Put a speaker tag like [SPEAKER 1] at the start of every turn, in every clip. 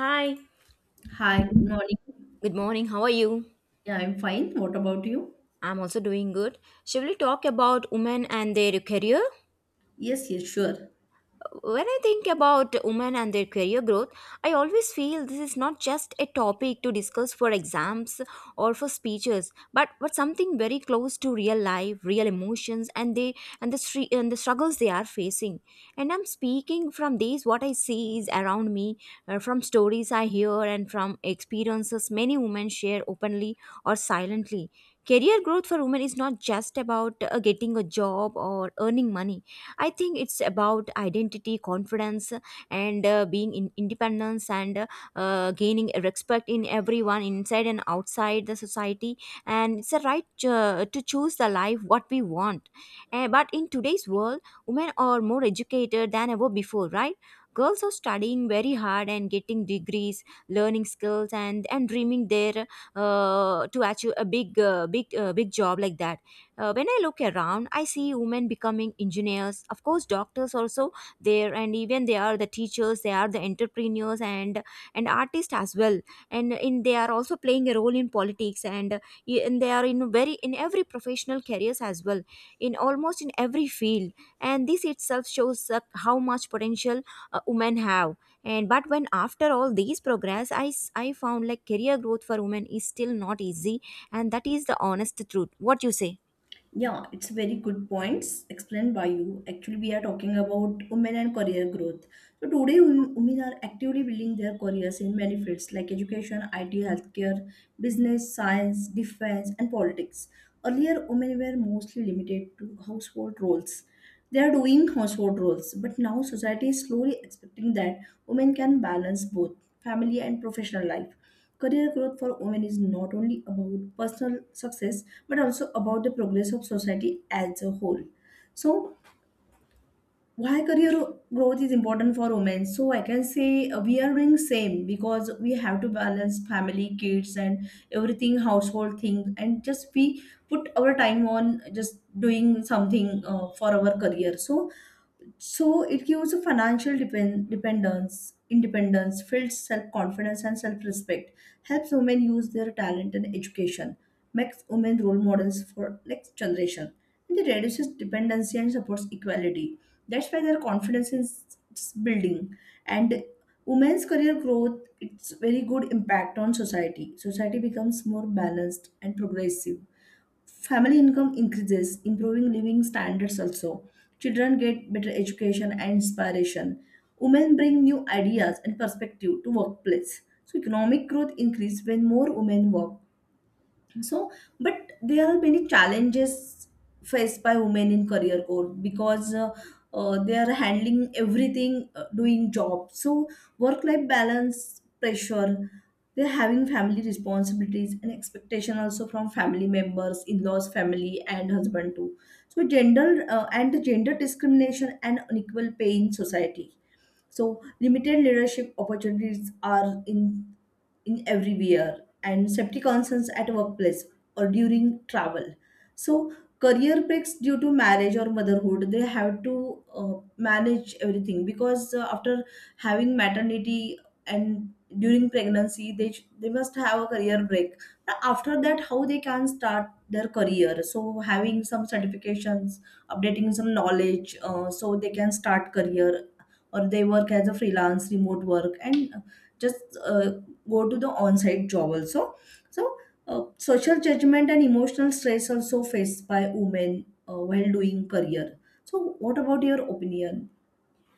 [SPEAKER 1] Hi,
[SPEAKER 2] Hi, good morning.
[SPEAKER 1] good morning. How are you?
[SPEAKER 2] Yeah, I'm fine. What about you?
[SPEAKER 1] I'm also doing good. Shall we talk about women and their career?
[SPEAKER 2] Yes, yes, sure.
[SPEAKER 1] When I think about women and their career growth, I always feel this is not just a topic to discuss for exams or for speeches, but something very close to real life, real emotions, and the struggles they are facing. And I'm speaking from these what I see is around me, from stories I hear and from experiences many women share openly or silently. Career growth for women is not just about getting a job or earning money. I think it's about identity, confidence, and being in independence and gaining respect in everyone inside and outside the society. And it's a right to choose the life what we want. But in today's world, women are more educated than ever before, right? Girls are studying very hard and getting degrees, learning skills, and dreaming their to achieve a big, big, big job like that. When I look around, I see women becoming engineers, of course, doctors also there, and even they are the teachers, they are the entrepreneurs and artists as well, and in they are also playing a role in politics, and, and they are in very in every professional careers as well, in almost in every field, and this itself shows how much potential women have. And but when after all these progress, I found like career growth for women is still not easy, and that is the honest truth. What you say?
[SPEAKER 2] Yeah, it's very good points explained by you. Actually, we are talking about women and career growth. So today, women are actively building their careers in many fields like education, IT, healthcare, business, science, defense, and politics. Earlier, women were mostly limited to household roles. They are doing household roles, but now society is slowly expecting that women can balance both family and professional life. Career growth for women is not only about personal success but also about the progress of society as a whole. So, why career growth is important for women? So, I can say we are doing same because we have to balance family, kids, and everything household thing, and just we put our time on just doing something for our career. So it gives a financial dependence, independence, builds self-confidence and self-respect, helps women use their talent and education, makes women role models for next generation, and it reduces dependency and supports equality. That's why their confidence is building. And women's career growth, it's very good impact on society. Society becomes more balanced and progressive. Family income increases, improving living standards also. Children get better education and inspiration. Women bring new ideas and perspective to workplace. So economic growth increase when more women work, so but there are many challenges faced by women in career code because they are handling everything doing job, so work life balance pressure, they're having family responsibilities and expectation also from family members, in-laws family and husband too. So gender and the gender discrimination and unequal pay in society, so limited leadership opportunities are in everywhere and safety concerns at workplace or during travel. So career breaks due to marriage or motherhood, they have to manage everything because after having maternity and during pregnancy, they must have a career break. But after that, how they can start their career? So having some certifications, updating some knowledge, so they can start career or they work as a freelance remote work and just go to the on-site job also. So social judgment and emotional stress also faced by women while doing career. So what about your opinion?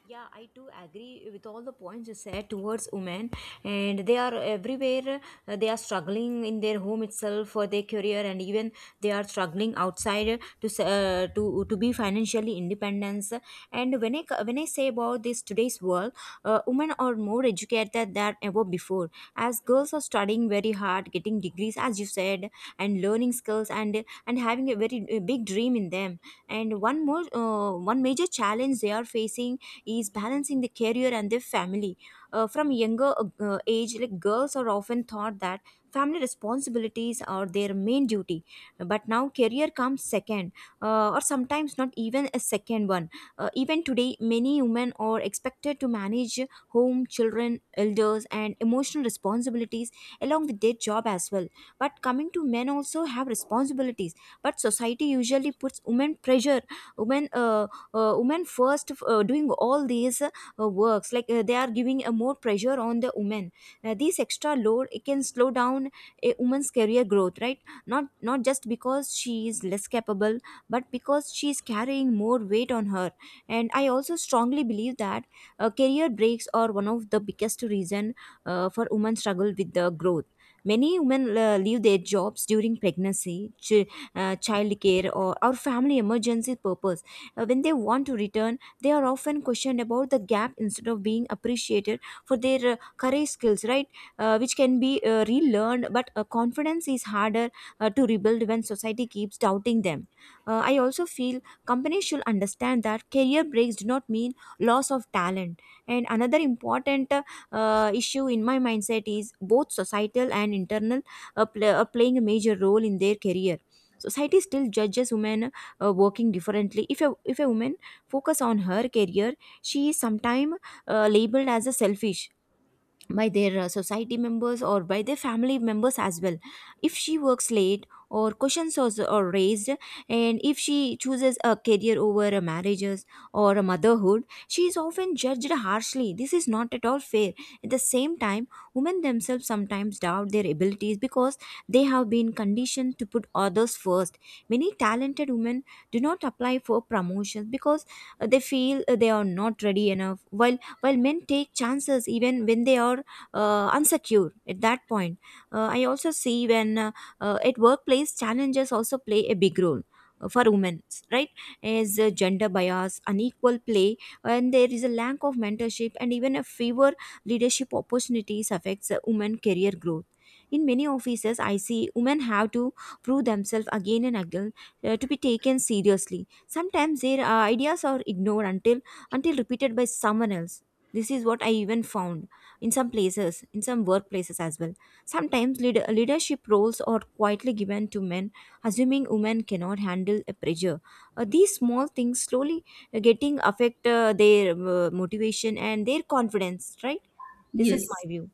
[SPEAKER 1] Yeah, I do agree with all the points you said towards women, and they are everywhere. They are struggling in their home itself for their career, and even they are struggling outside to be financially independent. And when I say about this today's world, women are more educated than ever before. As girls are studying very hard, getting degrees, as you said, and learning skills, and having a very big dream in them. And one major challenge they are facing is balancing the career and the family. From younger age, like girls are often thought that family responsibilities are their main duty, but now career comes second, or sometimes not even a second one. Even today, many women are expected to manage home, children, elders, and emotional responsibilities along with their job as well. But coming to men also have responsibilities, but society usually puts women pressure, women. Women first doing all these works like they are giving a more pressure on the women. This extra load, it can slow down a woman's career growth, right? Not just because she is less capable, but because she is carrying more weight on her. And I also strongly believe that career breaks are one of the biggest reason for women struggle with the growth. Many women leave their jobs during pregnancy, child care, or family emergency purpose. When they want to return, they are often questioned about the gap instead of being appreciated for their courage skills, right? Which can be relearned, but confidence is harder to rebuild when society keeps doubting them. I also feel companies should understand that career breaks do not mean loss of talent. And another important issue in my mindset is both societal and internal, playing a major role in their career. Society still judges women working differently. If a woman focus on her career, she is sometimes labeled as a selfish by their society members or by their family members as well. If she works late, or questions are raised, and if she chooses a career over a marriages or a motherhood, she is often judged harshly. This is not at all fair. At the same time, women themselves sometimes doubt their abilities because they have been conditioned to put others first. Many talented women do not apply for promotions because they feel they are not ready enough, while men take chances even when they are unsecure at that point. I also see when at workplace, challenges also play a big role for women, right? As gender bias, unequal play, and there is a lack of mentorship and even a fewer leadership opportunities affects women career growth. In many offices, I see women have to prove themselves again and again to be taken seriously. Sometimes their ideas are ignored until repeated by someone else. This is what I even found in some places, in some workplaces as well. Sometimes leadership roles are quietly given to men, assuming women cannot handle a pressure. These small things slowly getting affect their motivation and their confidence, right? This is
[SPEAKER 2] Yes,
[SPEAKER 1] my view.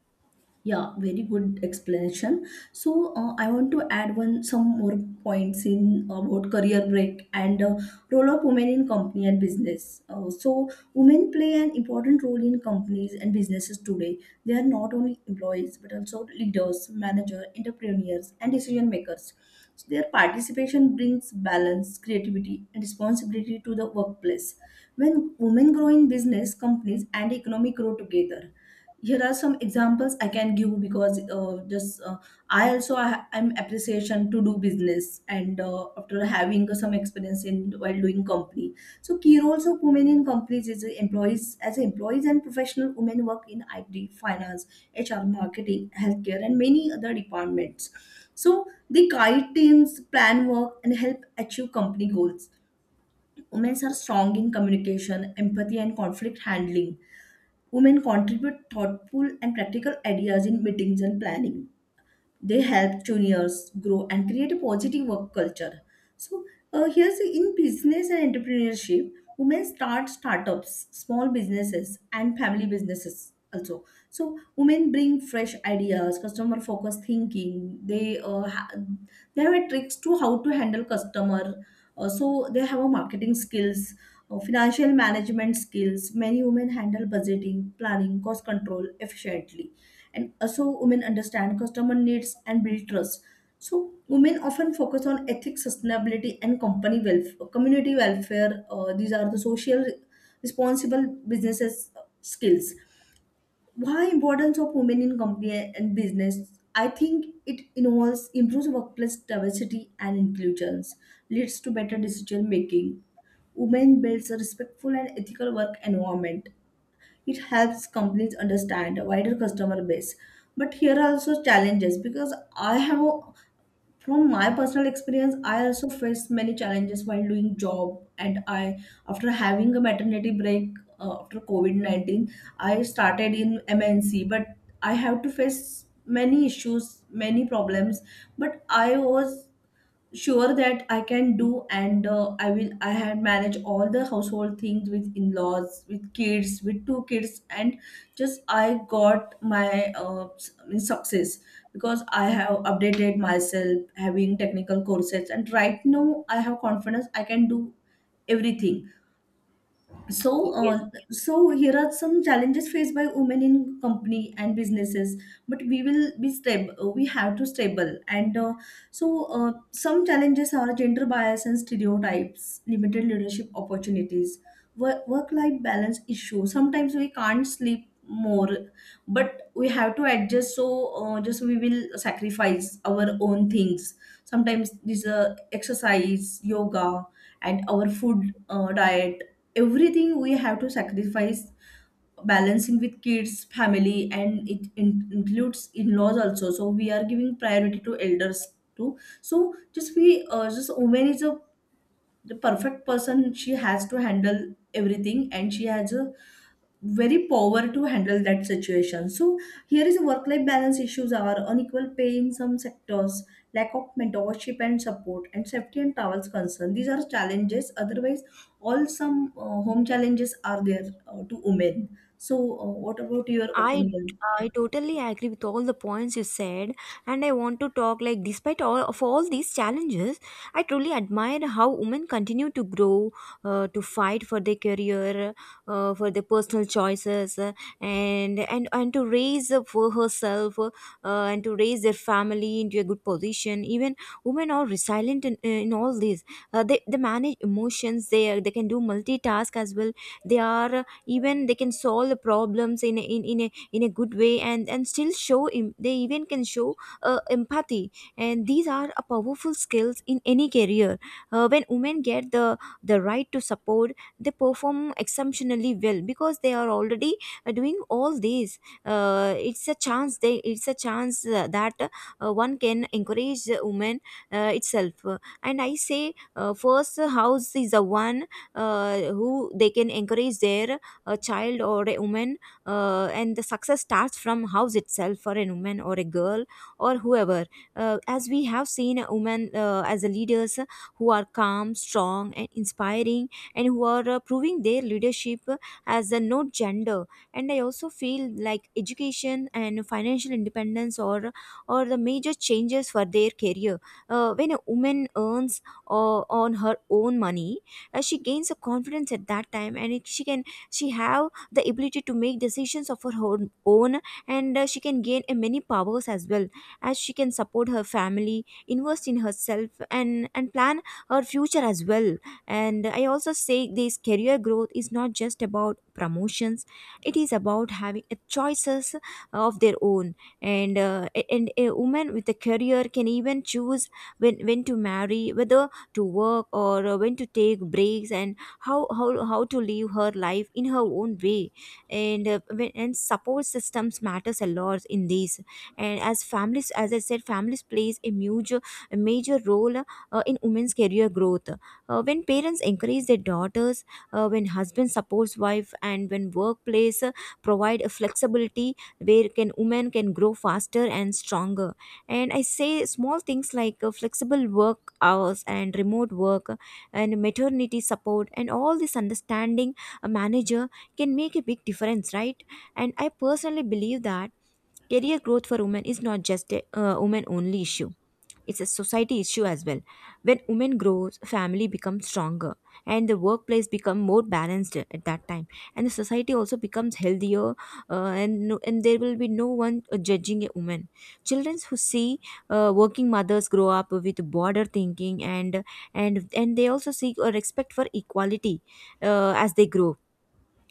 [SPEAKER 2] yeah, very good explanation. So I want to add one some more points in about career break and role of women in company and business. So women play an important role in companies and businesses today. They are not only employees but also leaders, managers, entrepreneurs, and decision makers. So their participation brings balance, creativity, and responsibility to the workplace. When women grow in business, companies and economic grow together. Here are some examples I can give because just I also I, I'm appreciation to do business and after having some experience in while doing company. So key roles of women in companies is employees, as employees and professional, women work in IT, finance, HR, marketing, healthcare, and many other departments. So they guide teams, plan work, and help achieve company goals. Women are strong in communication, empathy, and conflict handling. Women contribute thoughtful and practical ideas in meetings and planning. They help juniors grow and create a positive work culture. So here's in business and entrepreneurship, women start startups, small businesses, and family businesses also. So women bring fresh ideas, customer focused thinking. They they have a tricks to how to handle customer. So they have a marketing skills, financial management skills. Many women handle budgeting, planning, cost control efficiently, and also women understand customer needs and build trust. So women often focus on ethics, sustainability, and company welfare, community welfare. These are the social responsible businesses skills. Why importance of women in company and business? I think it involves, improves workplace diversity and inclusions, leads to better decision making. Women builds a respectful and ethical work environment. It helps companies understand a wider customer base. But here are also challenges because from my personal experience, I also faced many challenges while doing job. And I, after having a maternity break after COVID-19, I started in MNC, but I have to face many issues, many problems. But I was sure that I can do, and I will. I had managed all the household things with in-laws, with kids, with two kids, and just I got my I mean, success because I have updated myself, having technical courses, and right now I have confidence I can do everything. So,
[SPEAKER 1] Yes.
[SPEAKER 2] so here are some challenges faced by women in company and businesses. But we will be stable. We have to stable. And some challenges are gender bias and stereotypes, limited leadership opportunities, work life balance issue. Sometimes we can't sleep more, but we have to adjust. So, just we will sacrifice our own things. Sometimes this exercise, yoga, and our food diet, everything we have to sacrifice, balancing with kids, family, and it includes in-laws also. So we are giving priority to elders too. So just we just woman is a the perfect person, she has to handle everything and she has a very power to handle that situation. So here is work life balance issues are unequal pay in some sectors, lack of mentorship and support, and safety and travels concern. These are challenges. Otherwise, all some home challenges are there to women. So what about your
[SPEAKER 1] I
[SPEAKER 2] opinion?
[SPEAKER 1] I totally agree with all the points you said, and I want to talk like despite all these challenges, I truly admire how women continue to grow, to fight for their career, for their personal choices, and to raise up for herself, and to raise their family into a good position. Even women are resilient in all this. They manage emotions. They can do multitask as well. They are, even they can solve the problems in a good way, and still show they even can show empathy, and these are a powerful skills in any career. When women get the right to support, they perform exceptionally well because they are already doing all these. It's a chance that one can encourage the woman itself. And I say, first, house is the one who they can encourage their a child or a woman, and the success starts from house itself for a woman or a girl or whoever. As we have seen a woman as a leaders who are calm, strong and inspiring, and who are proving their leadership as a no gender. And I also feel like education and financial independence or the major changes for their career. When a woman earns on her own money, she gains a confidence at that time, and she can, she have the ability to make decisions of her own, and she can gain a many powers as well, as she can support her family, invest in herself, and plan her future as well. And I also say this career growth is not just about promotions, it is about having a choices of their own. And and a woman with a career can even choose when to marry, whether to work, or when to take breaks, and how to live her life in her own way. And and support systems matters a lot in this. And as families, as I said, families plays a major role in women's career growth. When parents encourage their daughters, when husband supports wife, and when workplace provide a flexibility where can women can grow faster and stronger. And I say small things like flexible work hours and remote work and maternity support and all this understanding a manager can make a big difference, right? And I personally believe that career growth for women is not just a women only issue. It's a society issue as well. When women grow, family becomes stronger and the workplace become more balanced at that time, and the society also becomes healthier, and there will be no one judging a woman. Children who see working mothers grow up with broader thinking and they also seek a respect for equality as they grow,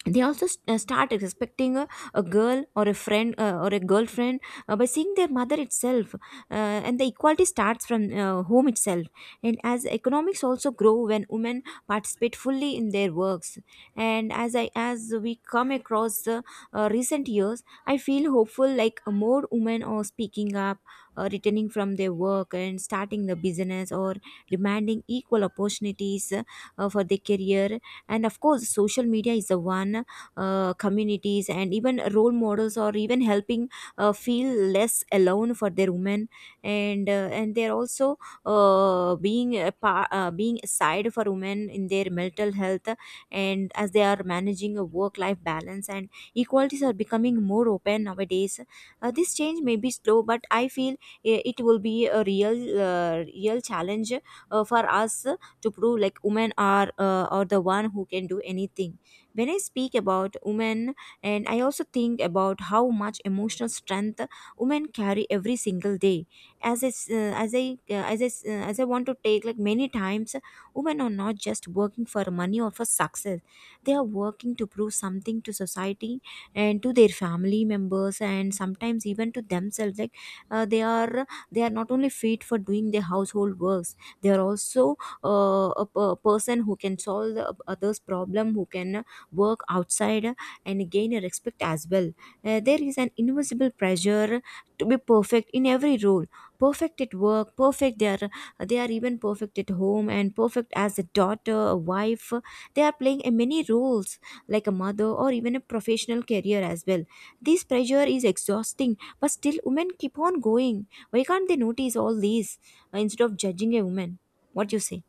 [SPEAKER 1] they start expecting a girl or a friend or a girlfriend, by seeing their mother itself. And the equality starts from home itself, and as economics also grow when women participate fully in their works. And as we come across the recent years, I feel hopeful, like more women are speaking up, returning from their work and starting the business or demanding equal opportunities for their career. And of course, social media is the one, communities and even role models or even helping feel less alone for their women. And they're also being side for women in their mental health, and as they are managing a work life balance, and equalities are becoming more open nowadays. This change may be slow, but I feel it will be a real challenge for us to prove, like, women are the one who can do anything. When I speak about women, and I also think about how much emotional strength women carry every single day, as I, s- as I s- as I want to take, like, many times women are not just working for money or for success. They are working to prove something to society and to their family members and sometimes even to themselves. Like, they are, they are not only fit for doing their household works, they are also person who can solve the others problem, who can work outside and gain a respect as well. There is an invisible pressure to be perfect in every role. Perfect at work, perfect, they are, they are even perfect at home and perfect as a daughter, a wife. They are playing a many roles, like a mother or even a professional career as well. This pressure is exhausting, but still women keep on going. Why can't they notice all these, instead of judging a woman? What you say?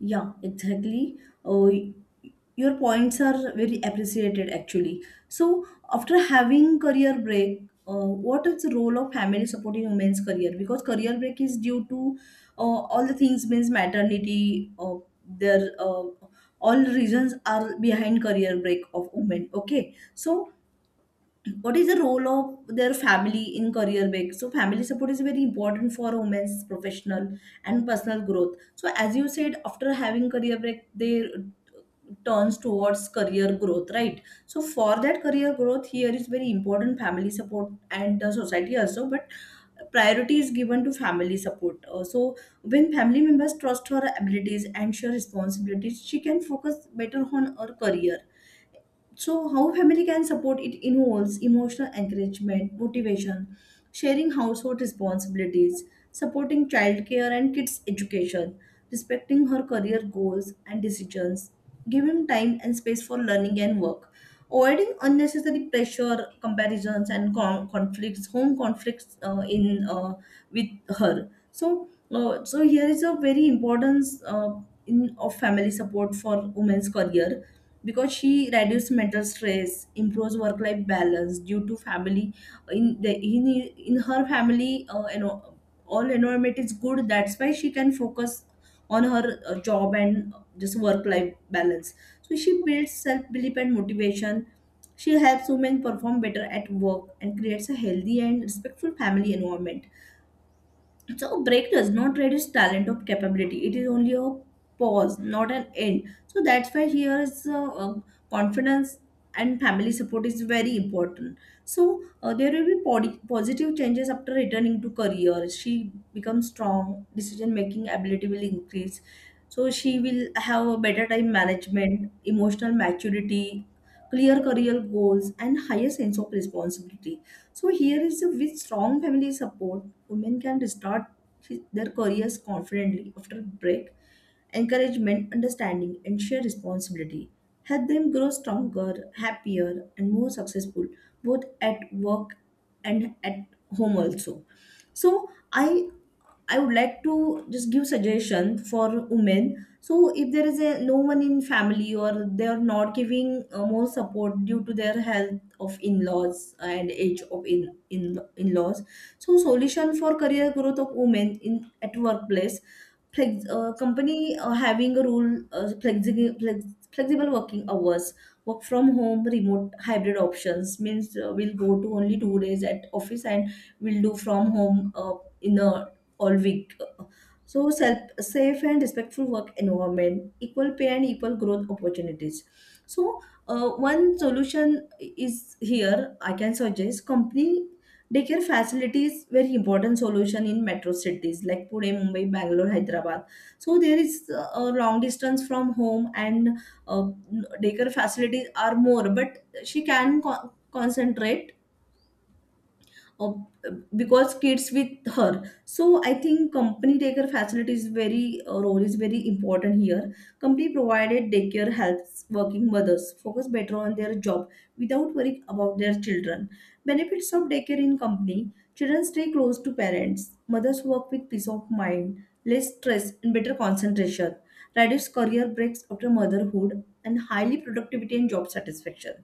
[SPEAKER 2] Yeah, exactly. Oh, your points are very appreciated actually. So, after having career break, what is the role of family supporting women's career? Because career break is due to uh, all the things means maternity. Their All reasons are behind career break of women. Okay, so what is the role of their family in career break? So family support is very important for women's professional and personal growth. So as you said, after having career break, they turns towards career growth, right? So for that career growth, here is very important family support and the society also, but priority is given to family support. So when family members trust her abilities and share responsibilities, she can focus better on her career. So how family can support? It involves emotional encouragement, motivation, sharing household responsibilities, supporting childcare and kids education, respecting her career goals and decisions, giving time and space for learning and work, avoiding unnecessary pressure, comparisons, and conflicts, home conflicts in with her. So so here is a very importance in of family support for women's career, because she reduces mental stress, improves work life balance due to family. In the in her family, all environment is good, that's why she can focus on her job and just work life balance. So she builds self belief and motivation. She helps women perform better at work and creates a healthy and respectful family environment. So break does not reduce talent or capability. It is only a pause, not an end. So that's why here is confidence and family support is very important. So there will be positive changes after returning to career. She becomes strong. Decision making ability will increase. So she will have a better time management, emotional maturity, clear career goals, and higher sense of responsibility. So here is a, with strong family support, women can restart their careers confidently after break. Encouragement, understanding, and shared responsibility help them grow stronger, happier, and more successful, both at work and at home also. So I I would like to just give suggestion for women. So if there is a no one in family or they are not giving more support due to their health of in-laws and age of in in-laws. So solution for career growth of women in at workplace. Company having a rule, flexible working hours, work from home, remote, hybrid options means we'll go to only two days at office and we'll do from home in the all week. So self, safe and respectful work environment, equal pay and equal growth opportunities. So one solution is here I can suggest company daycare facilities, very important solution in metro cities like Pune, Mumbai, Bangalore, Hyderabad. So there is a long distance from home and uh, daycare facilities are more, but she can concentrate or because kids with her. So I think company daycare facility is very role is very important here. Company provided daycare helps working mothers focus better on their job without worrying about their children. Benefits of daycare in company: children stay close to parents, mothers work with peace of mind, less stress and better concentration, reduced career breaks after motherhood, and highly productivity and job satisfaction.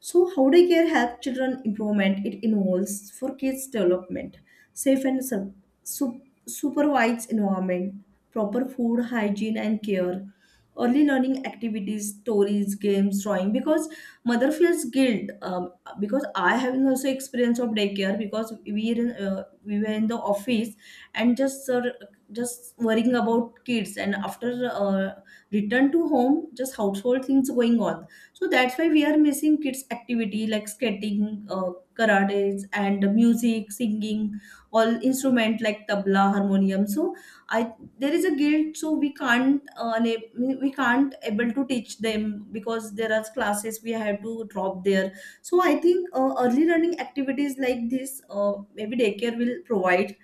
[SPEAKER 2] So, how day care helps children improvement? It involves for kids development, safe and supervised environment, proper food, hygiene and care, early learning activities, stories, games, drawing. Because mother feels guilt. Because I have also experience of daycare, because we were in the office, and just worrying about kids, and after return to home, just household things going on. So that's why we are missing kids activity like skating, karates and music singing, all instrument like tabla harmonium. So I there is a guilt, so we can't able to teach them, because there are classes we have to drop there. So I think early learning activities like this, maybe daycare will provide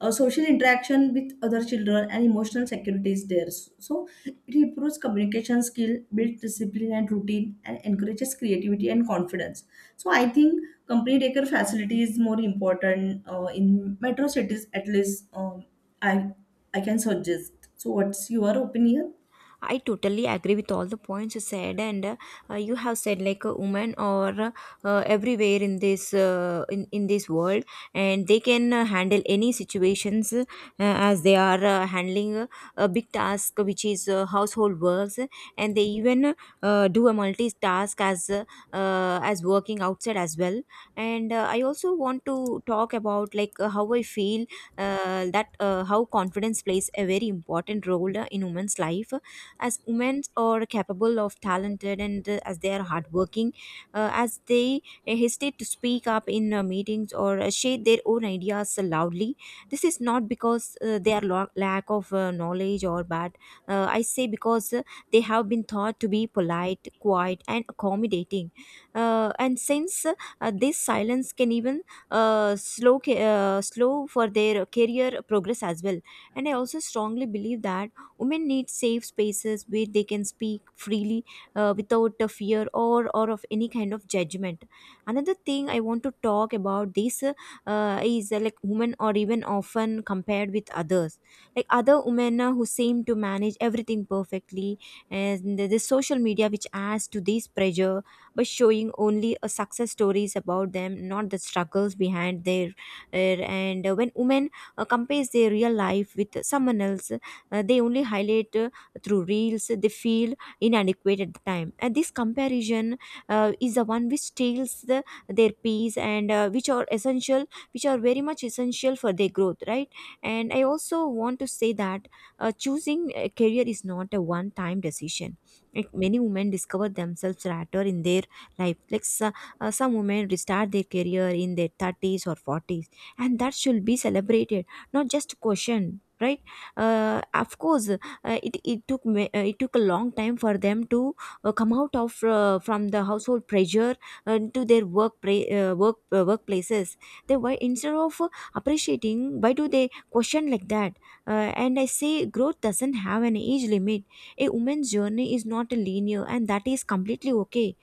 [SPEAKER 2] social interaction with other children, and emotional security is there, so it improves communication skill, builds discipline and routine, and encourages creativity and confidence. So I think complete acre facility is more important in metro cities at least. Um, i i can suggest. So what's your opinion?
[SPEAKER 1] I totally agree with all the points you said. And You have said, like, a woman or everywhere in this world, and they can handle any situations, as they are handling a big task, which is household works, and they even do a multitask as working outside as well. And I also want to talk about, like, how I feel that how confidence plays a very important role in women's life, as women are capable of talented and as they are hardworking, as they hesitate to speak up in meetings or share their own ideas loudly. This is not because they are lack of knowledge or bad. I say, because they have been taught to be polite, quiet, and accommodating, and since this silence can even slow for their career progress as well. And I also strongly believe that women need safe spaces where they can speak freely, without a fear or of any kind of judgment. Another thing I want to talk about this, is, like, women are even often compared with others. Like other women who seem to manage everything perfectly, and the social media, which adds to this pressure by showing only success stories about them, not the struggles behind their. Uh, and When women compares their real life with someone else, they only highlight through reels, they feel inadequate at the time, and this comparison is the one which steals their peace and, which are essential, which are very much essential for their growth, right? And I also want to say that, choosing a career is not a one time decision. Like, many women discover themselves later in their life. Like, so, some women restart their career in their 30s or 40s, and that should be celebrated, not just questioned, right? Of course, it took a long time for them to come out of, from the household pressure to their workplaces. They, why instead of appreciating, why do they question like that? And I say, growth doesn't have an age limit. A woman's journey is not linear, and that is completely okay.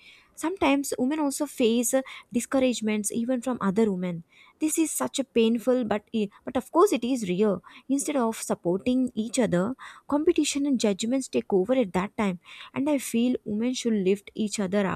[SPEAKER 1] Sometimes women also face discouragements even from other women. This is such a painful, but but of course, it is real. Instead of supporting each other, competition and judgments take over at that time. And I feel women should lift each other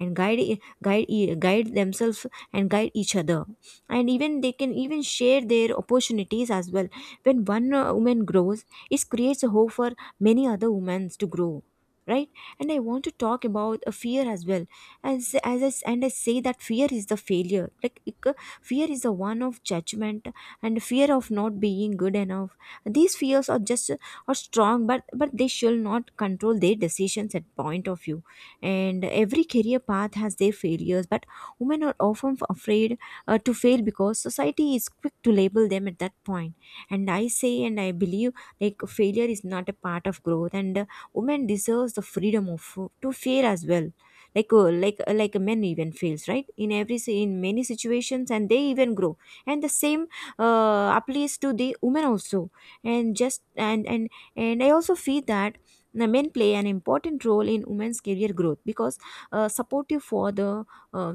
[SPEAKER 1] and guide themselves and guide each other, and even they can even share their opportunities as well. When one woman grows, it creates a hope for many other women to grow, right? And I want to talk about a fear as well. And I say that fear is the failure, fear is the one of judgment and fear of not being good enough. These fears are just are strong, but they shall not control their decisions at point of view. And every career path has their failures, but women are often afraid to fail, because society is quick to label them at that point point. And I say, and I believe, like, failure is not a part of growth, and women deserves the freedom of to fail as well. Like men even fails, right, in in many situations, and they even grow, and the same applies to the women also. And just And I also feel that the men play an important role in women's career growth, because supportive for the uh,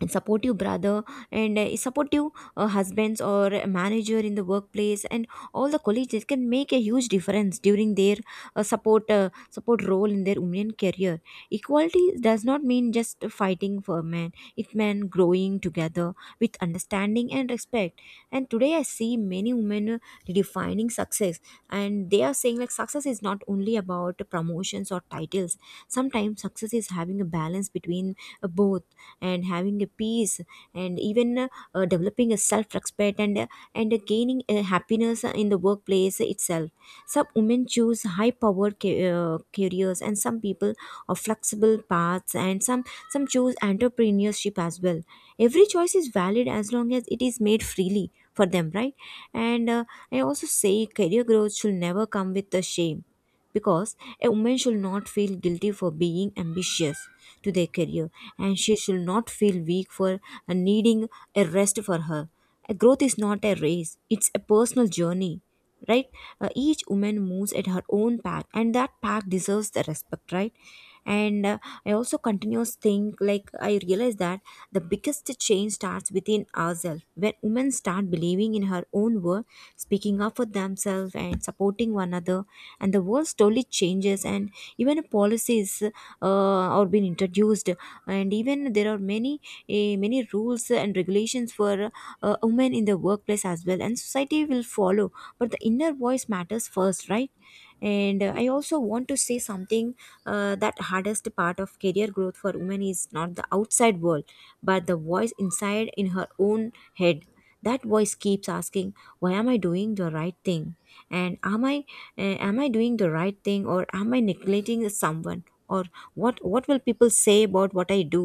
[SPEAKER 1] and supportive brother and a supportive husbands or a manager in the workplace, and all the colleagues, that can make a huge difference during their support role in their women career. Equality does not mean just fighting for men, it meant growing together with understanding and respect. And today I see many women redefining success, and they are saying, like, success is not only about promotions or titles. Sometimes success is having a balance between both, and having a peace, and even developing a self-respect, and gaining happiness in the workplace itself. Some women choose high-powered careers, and some people of flexible paths, and some choose entrepreneurship as well. Every choice is valid as long as it is made freely for them, right? And I also say career growth should never come with the shame, because a woman should not feel guilty for being ambitious to their career, and she should not feel weak for needing a rest for her. A growth is not a race, it's a personal journey, right? Each woman moves at her own path, and that path deserves the respect, right? And I also continuous think, like, I realize that the biggest change starts within ourselves. When women start believing in her own worth, speaking up for themselves and supporting one another, and the world slowly changes, and even policies are being introduced, and even there are many many rules and regulations for women in the workplace as well, and society will follow, but the inner voice matters first, right? And I also want to say something, that hardest part of career growth for women is not the outside world, but the voice inside in her own head. That voice keeps asking, why am I doing the right thing, and am I, am I doing the right thing, or am I neglecting someone, or what will people say about what I do?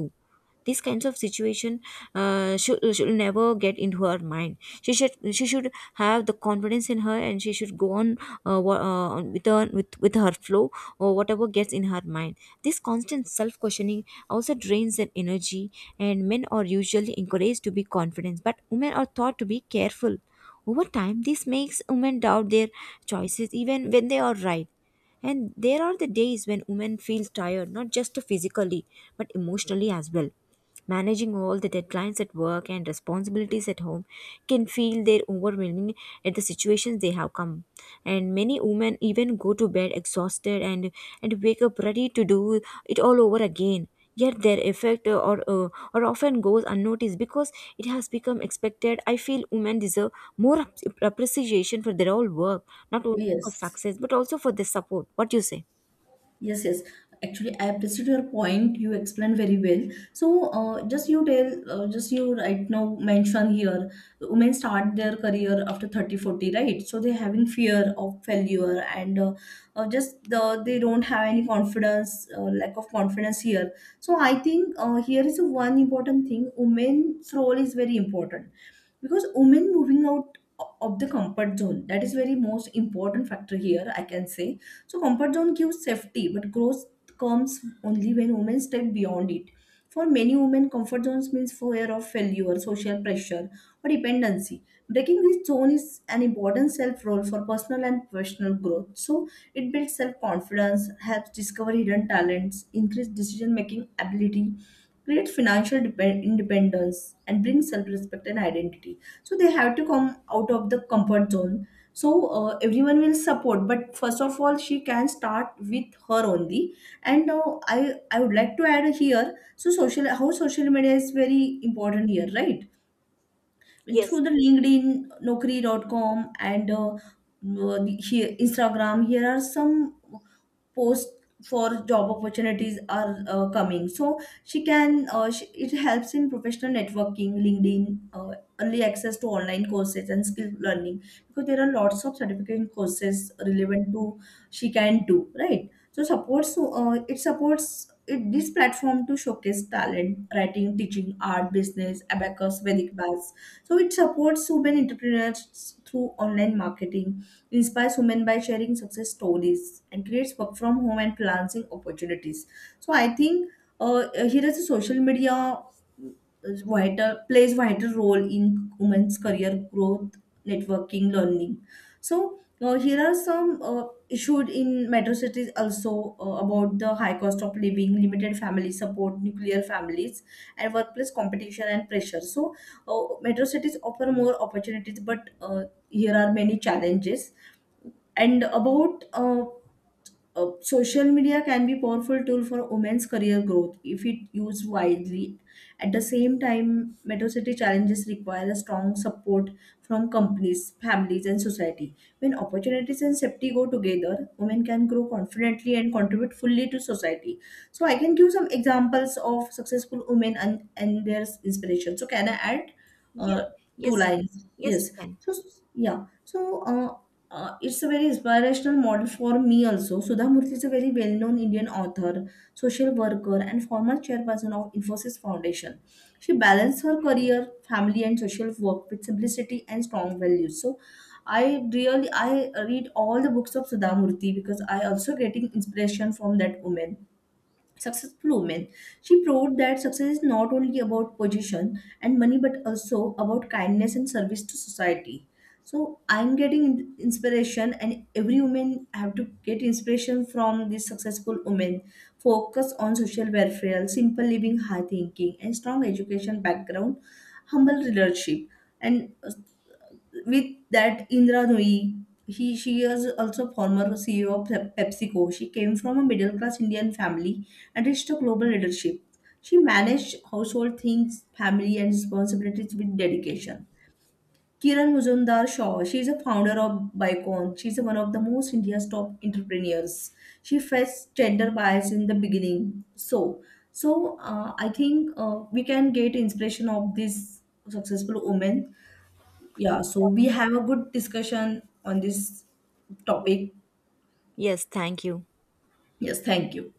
[SPEAKER 1] These kinds of situation should never get into her mind. She should, she should have the confidence in her, and she should go on on with her flow, or whatever gets in her mind. This constant self questioning also drains their energy, and men are usually encouraged to be confident, but women are taught to be careful. Over time, this makes women doubt their choices even when they are right. And there are the days when women feel tired, not just physically, but emotionally as well. Managing all the deadlines at work and responsibilities at home can feel their overwhelming at the situations they have come. And many women even go to bed exhausted and wake up ready to do it all over again, yet their effect or often goes unnoticed, because it has become expected. I feel women deserve more appreciation for their own work, not only for
[SPEAKER 2] Yes.
[SPEAKER 1] success but also for their support. What do you say?
[SPEAKER 2] Yes, yes. Actually, I appreciate your point. You explained very well. So, just you right now mention here, women start their career after 30, 40, right? So they're having fear of failure, and they don't have any confidence, lack of confidence here. So I think here is one important thing. Women's role is very important because women moving out of the comfort zone, that is very most important factor here I can say. So comfort zone gives safety, but growth comes only when women step beyond it. For many women, comfort zones means fear of failure, social pressure, or dependency. Breaking this zone is an important self role for personal and professional growth. So it builds self confidence, helps discover hidden talents, increase decision making ability, create financial independence, and bring self respect and identity. So they have to come out of the comfort zone. So everyone will support, but first of all, she can start with her only. And now I would like to add here. So social how social media is very important here, right? And through
[SPEAKER 1] Yes.
[SPEAKER 2] the LinkedIn, Naukri.com, and here, Instagram, here are some post for job opportunities are coming, so it helps in professional networking, LinkedIn, early access to online courses and skill learning, because there are lots of certification courses relevant to she can do, right? So supports it supports this platform to showcase talent, writing, teaching, art, business, abacus, vedic baths. So it supports women entrepreneurs through online marketing, inspires women by sharing success stories, and creates work from home and freelancing opportunities. So I think, uh, here is, a social media is vital, plays vital role in women's career growth, networking, learning. So here are some issues in metro cities also, about the high cost of living, limited family support, nuclear families, and workplace competition and pressure. So metro cities offer more opportunities, but here are many challenges. And about, social media can be powerful tool for women's career growth if it used widely. At the same time, metro city challenges require a strong support from companies, families, and society. When opportunities and safety go together, women can grow confidently and contribute fully to society. So I can give some examples of successful women and their inspiration. So can I add uh,
[SPEAKER 1] Yes.
[SPEAKER 2] two
[SPEAKER 1] Yes.
[SPEAKER 2] lines?
[SPEAKER 1] Yes,
[SPEAKER 2] Yes.
[SPEAKER 1] you can.
[SPEAKER 2] So yeah, so it's a very inspirational model for me also. Sudha Murthy is a very well-known Indian author, social worker, and former chairperson of Infosys Foundation. She balanced her career, family, and social work with simplicity and strong values. So, I read all the books of Sudha Murthy because I also getting inspiration from that woman. Successful women. She proved that success is not only about position and money, but also about kindness and service to society. So I'm getting inspiration, and every woman have to get inspiration from these successful women. Focus on social welfare, simple living, high thinking, and strong education background, humble leadership, and with that, Indra Nooyi, he she is also former CEO of PepsiCo. She came from a middle class Indian family and reached a global leadership. She managed household things, family, and responsibilities with dedication. Kiran Muzumdar Shaw, she is a founder of Bicon. She is one of the most India's top entrepreneurs. She faced gender bias in the beginning. So, I think we can get inspiration of these successful women. Yeah, so we have a good discussion on this topic.
[SPEAKER 1] Yes, thank you.
[SPEAKER 2] Yes, thank you.